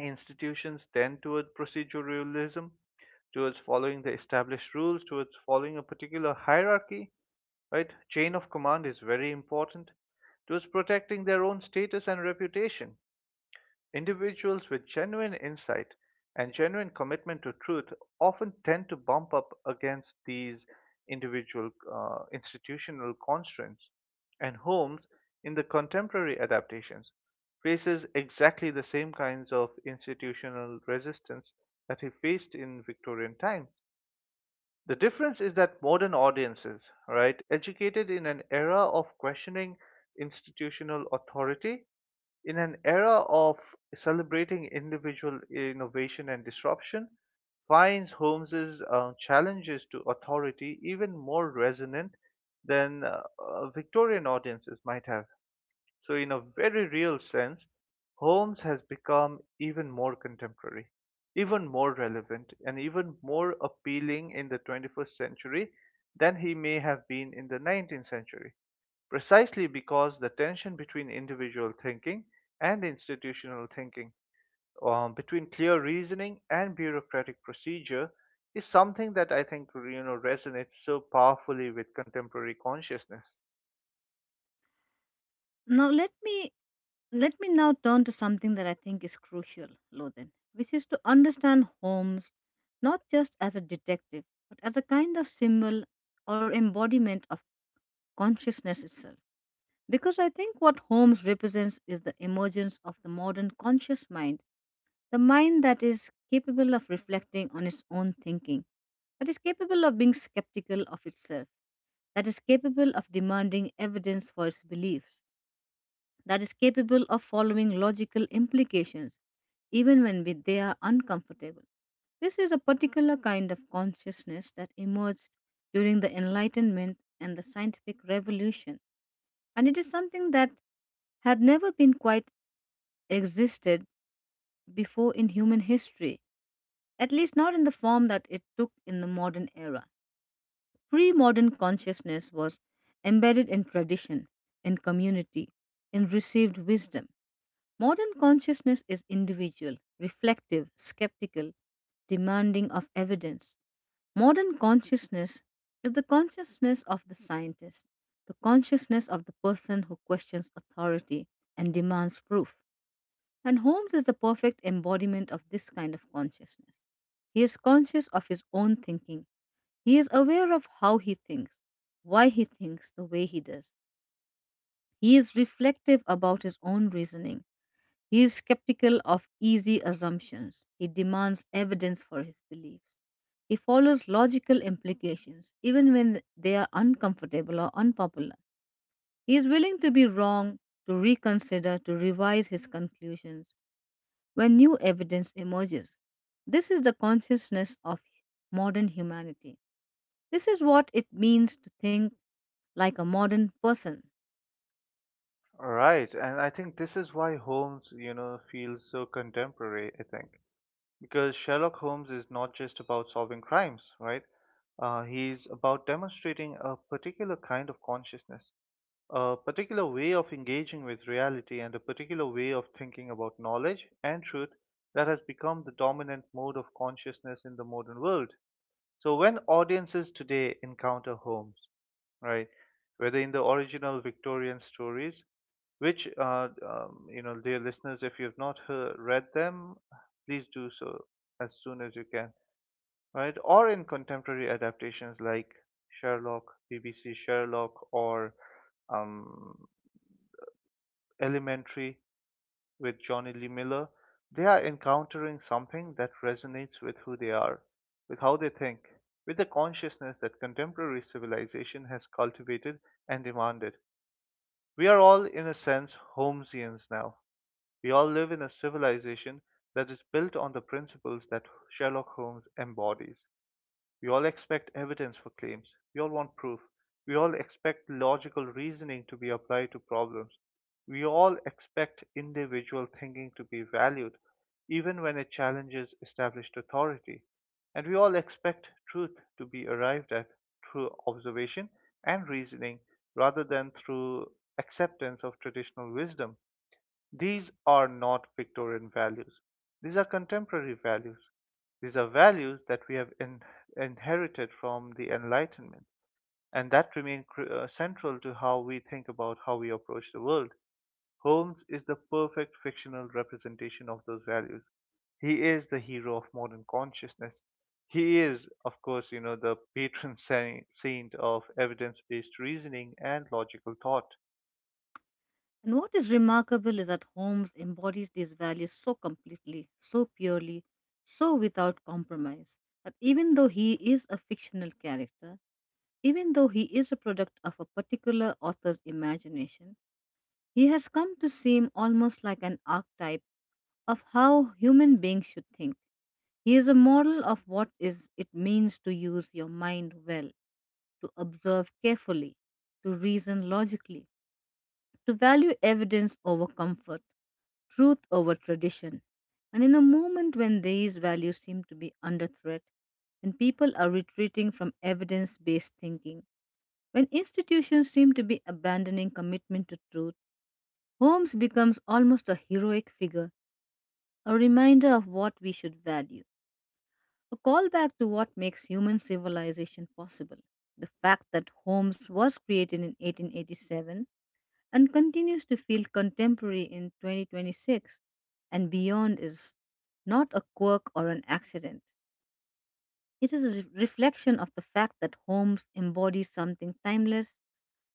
S1: Institutions tend toward proceduralism, towards following the established rules, towards following a particular hierarchy, right? Chain of command is very important. Those protecting their own status and reputation, individuals with genuine insight and genuine commitment to truth often tend to bump up against these individual institutional constraints. And Holmes, in the contemporary adaptations, faces exactly the same kinds of institutional resistance that he faced in Victorian times. The difference is that modern audiences, right, educated in an era of questioning institutional authority, in an era of celebrating individual innovation and disruption, finds Holmes's challenges to authority even more resonant than Victorian audiences might have. So, in a very real sense, Holmes has become even more contemporary, even more relevant, and even more appealing in the 21st century than he may have been in the 19th century, precisely because the tension between individual thinking and institutional thinking, between clear reasoning and bureaucratic procedure, is something that I think you know resonates so powerfully with contemporary consciousness.
S2: Now let me Let me now turn to something that I think is crucial, Lothan, which is to understand Holmes not just as a detective, but as a kind of symbol or embodiment of consciousness itself. Because I think what Holmes represents is the emergence of the modern conscious mind, the mind that is capable of reflecting on its own thinking, that is capable of being skeptical of itself, that is capable of demanding evidence for its beliefs, that is capable of following logical implications even when they are uncomfortable. This is a particular kind of consciousness that emerged during the Enlightenment and the scientific revolution, and it is something that had never been quite existed before in human history, at least not in the form that it took in the modern era. Pre modern consciousness was embedded in tradition, in community, in received wisdom. Modern consciousness is individual, reflective, skeptical, demanding of evidence. Modern consciousness is the consciousness of the scientist, the consciousness of the person who questions authority and demands proof. And Holmes is the perfect embodiment of this kind of consciousness. He is conscious of his own thinking, he is aware of how he thinks, why he thinks the way he does. He is reflective about his own reasoning. He is skeptical of easy assumptions. He demands evidence for his beliefs. He follows logical implications, even when they are uncomfortable or unpopular. He is willing to be wrong, to reconsider, to revise his conclusions when new evidence emerges. This is the consciousness of modern humanity. This is what it means to think like a modern person.
S1: Right, and I think this is why Holmes, you know, feels so contemporary, I think. Because Sherlock Holmes is not just about solving crimes, right? He's about demonstrating a particular kind of consciousness, a particular way of engaging with reality, and a particular way of thinking about knowledge and truth that has become the dominant mode of consciousness in the modern world. So when audiences today encounter Holmes, right, whether in the original Victorian stories, which you know, dear listeners, if you've not heard, read them, please do so as soon as you can, right, or in contemporary adaptations like sherlock BBC Sherlock or um, Elementary with Johnny Lee Miller, they are encountering something that resonates with who they are, with how they think, with the consciousness that contemporary civilization has cultivated and demanded. We are all in a sense Holmesians now. We all live in a civilization that is built on the principles that Sherlock Holmes embodies. We all expect evidence for claims. We all want proof. We all expect logical reasoning to be applied to problems. We all expect individual thinking to be valued, even when it challenges established authority. And we all expect truth to be arrived at through observation and reasoning rather than through acceptance of traditional wisdom. These are not Victorian values. These are contemporary values. These are values that we have inherited from the Enlightenment and that remain central to how we think about how we approach the world. Holmes is the perfect fictional representation of those values. He is the hero of modern consciousness. He is, of course, you know, the patron saint of evidence based reasoning and logical thought.
S2: And what is remarkable is that Holmes embodies these values so completely, so purely, so without compromise, that even though he is a fictional character, even though he is a product of a particular author's imagination, he has come to seem almost like an archetype of how human beings should think. He is a model of what is it means to use your mind well, to observe carefully, to reason logically, to value evidence over comfort, truth over tradition. And in a moment when these values seem to be under threat, when people are retreating from evidence based thinking, when institutions seem to be abandoning commitment to truth, Holmes becomes almost a heroic figure, a reminder of what we should value, a callback to what makes human civilization possible. The fact that Holmes was created in 1887 and continues to feel contemporary in 2026 and beyond is not a quirk or an accident. It is a reflection of the fact that Holmes embodies something timeless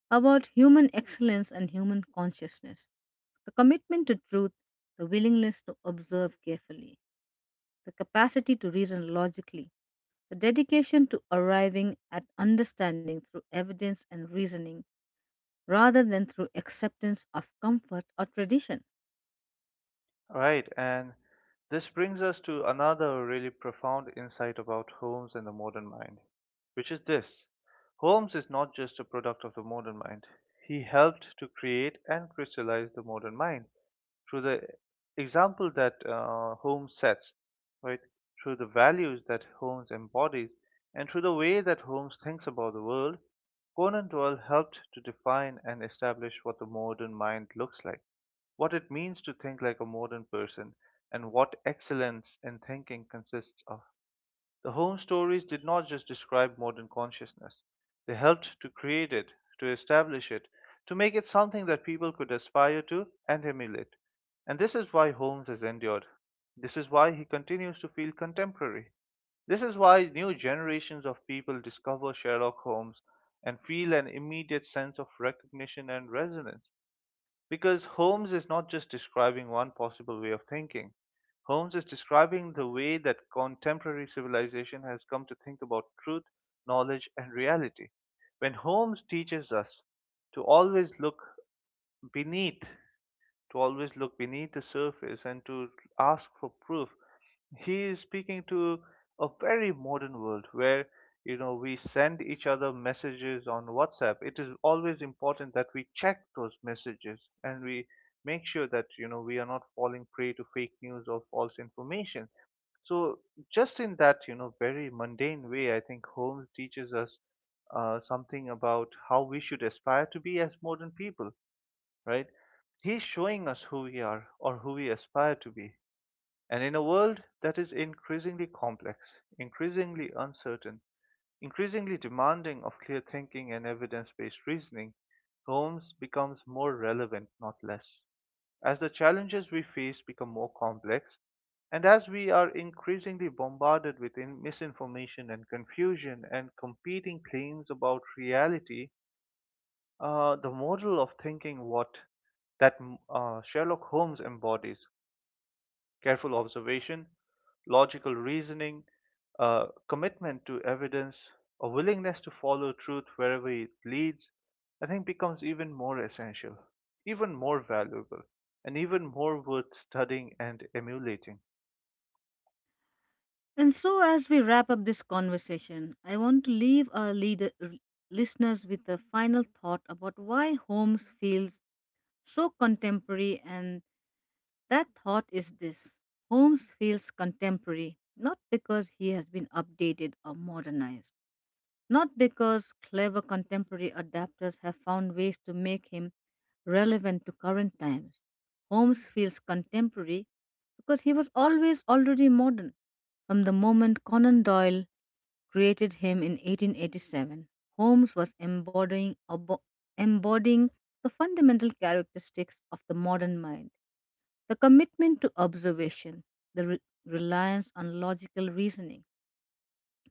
S2: about human excellence and human consciousness, the commitment to truth, the willingness to observe carefully, the capacity to reason logically, the dedication to arriving at understanding through evidence and reasoning rather than through acceptance of comfort or tradition.
S1: Right, and this brings us to another really profound insight about Holmes and the modern mind, which is this: Holmes is not just a product of the modern mind, he helped to create and crystallize the modern mind through the example that Holmes sets, right? Through the values that Holmes embodies, and through the way that Holmes thinks about the world, Conan Doyle helped to define and establish what the modern mind looks like, what it means to think like a modern person, and what excellence in thinking consists of. The home stories did not just describe modern consciousness, they helped to create it, to establish it, to make it something that people could aspire to and emulate. And this is why Holmes has endured. This is why he continues to feel contemporary. This is why new generations of people discover Sherlock Holmes and feel an immediate sense of recognition and resonance. Because Holmes is not just describing one possible way of thinking, Holmes is describing the way that contemporary civilization has come to think about truth, knowledge, and reality. When Holmes teaches us to always look beneath, to always look beneath the surface and to ask for proof, he is speaking to a very modern world where you know we send each other messages on WhatsApp. It is always important that we check those messages and we make sure that you know we are not falling prey to fake news or false information. So just in that you know very mundane way I think Holmes teaches us something about how we should aspire to be as modern people, right? He's showing us who we are or who we aspire to be. And in a world that is increasingly complex, increasingly uncertain, increasingly demanding of clear thinking and evidence based reasoning, Holmes becomes more relevant, not less. As the challenges we face become more complex, and as we are increasingly bombarded with misinformation and confusion and competing claims about reality, the model of thinking what that mm, Sherlock Holmes embodies, careful observation, logical reasoning, commitment to evidence, a willingness to follow truth wherever it leads, I think becomes even more essential, even more valuable, and even more worth studying and emulating.
S2: And so, as we wrap up this conversation, I want to leave our listeners with a final thought about why Holmes feels so contemporary. And that thought is this: Holmes feels contemporary not because he has been updated or modernized, not because clever contemporary adapters have found ways to make him relevant to current times. Holmes feels contemporary because he was always already modern. From the moment Conan Doyle created him in 1887, Holmes was embodying the fundamental characteristics of the modern mind, the commitment to observation, the reliance on logical reasoning,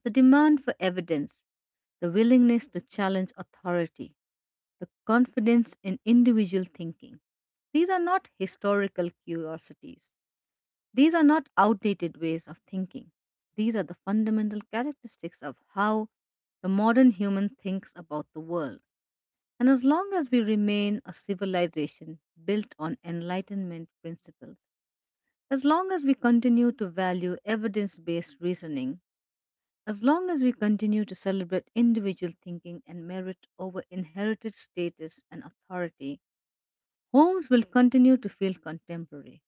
S2: the demand for evidence, the willingness to challenge authority, the confidence in individual thinking. These are not historical curiosities. These are not outdated ways of thinking. These are the fundamental characteristics of how the modern human thinks about the world. And as long as we remain a civilization built on Enlightenment principles, as long as we continue to value evidence based reasoning, as long as we continue to celebrate individual thinking and merit over inherited status and authority, Holmes will continue to feel contemporary.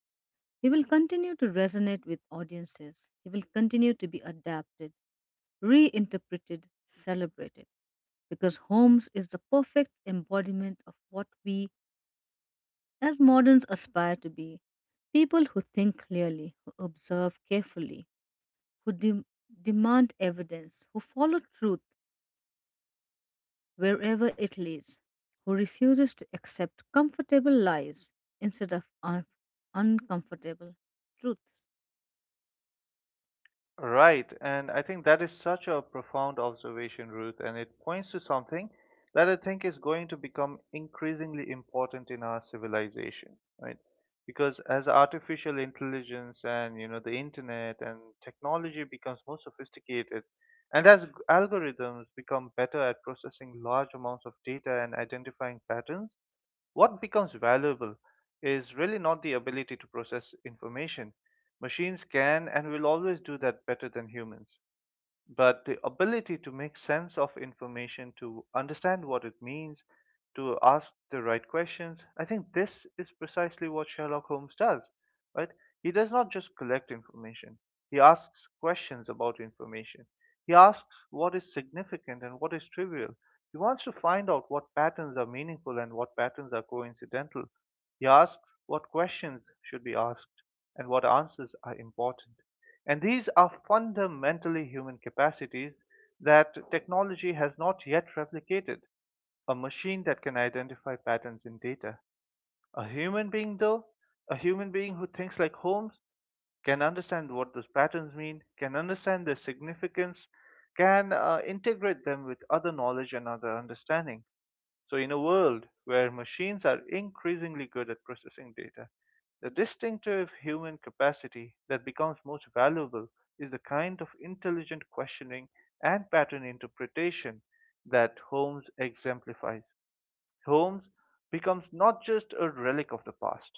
S2: He will continue to resonate with audiences. He will continue to be adapted, reinterpreted, celebrated, because Holmes is the perfect embodiment of what we as moderns aspire to be, people who think clearly, who observe carefully, who demand evidence, who follow truth wherever it leads, who refuses to accept comfortable lies instead of uncomfortable truths.
S1: Right, and I think that is such a profound observation, Ruth, and it points to something that I think is going to become increasingly important in our civilization, right? Because as artificial intelligence and you know the internet and technology becomes more sophisticated, and as algorithms become better at processing large amounts of data and identifying patterns, what becomes valuable is really not the ability to process information. Machines can and will always do that better than humans, but the ability to make sense of information, to understand what it means, to ask the right questions. I think this is precisely what Sherlock Holmes does, right? He does not just collect information, he asks questions about information. He asks what is significant and what is trivial. He wants to find out what patterns are meaningful and what patterns are coincidental. He asks what questions should be asked and what answers are important. And these are fundamentally human capacities that technology has not yet replicated. A machine that can identify patterns in data. A human being, though, a human being who thinks like Holmes, can understand what those patterns mean, can understand their significance, can integrate them with other knowledge and other understanding. So, in a world where machines are increasingly good at processing data, the distinctive human capacity that becomes most valuable is the kind of intelligent questioning and pattern interpretation that Holmes exemplifies. Holmes becomes not just a relic of the past,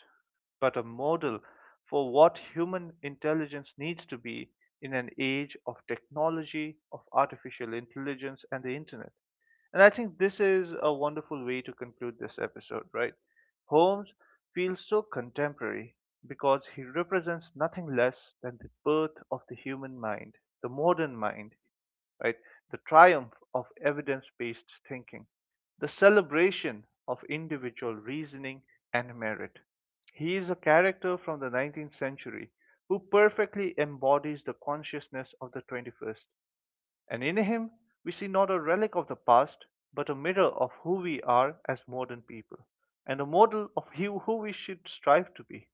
S1: but a model for what human intelligence needs to be in an age of technology, of artificial intelligence, and the internet. And I think this is a wonderful way to conclude this episode, right? Holmes feels so contemporary because he represents nothing less than the birth of the human mind, the modern mind, right? The triumph of evidence based thinking, the celebration of individual reasoning and merit. He is a character from the 19th century who perfectly embodies the consciousness of the 21st, and in him we see not a relic of the past, but a mirror of who we are as modern people, and a model of you who we should strive to be.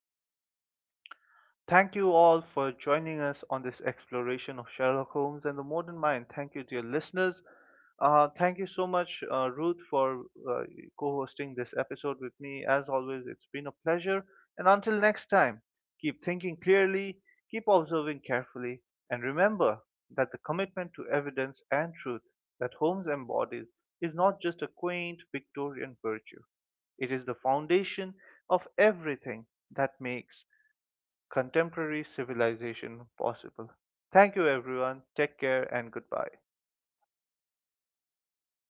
S1: Thank you all for joining us on this exploration of Sherlock Holmes and the modern mind. Thank you, dear listeners. Thank you so much, Ruth, for uh, co hosting this episode with me. As always, it's been a pleasure. And until next time, keep thinking clearly, keep observing carefully, and remember that the commitment to evidence and truth that Holmes embodies is not just a quaint Victorian virtue, it is the foundation of everything that makes contemporary civilization possible. Thank you, everyone. Take care and goodbye.
S2: Goodbye.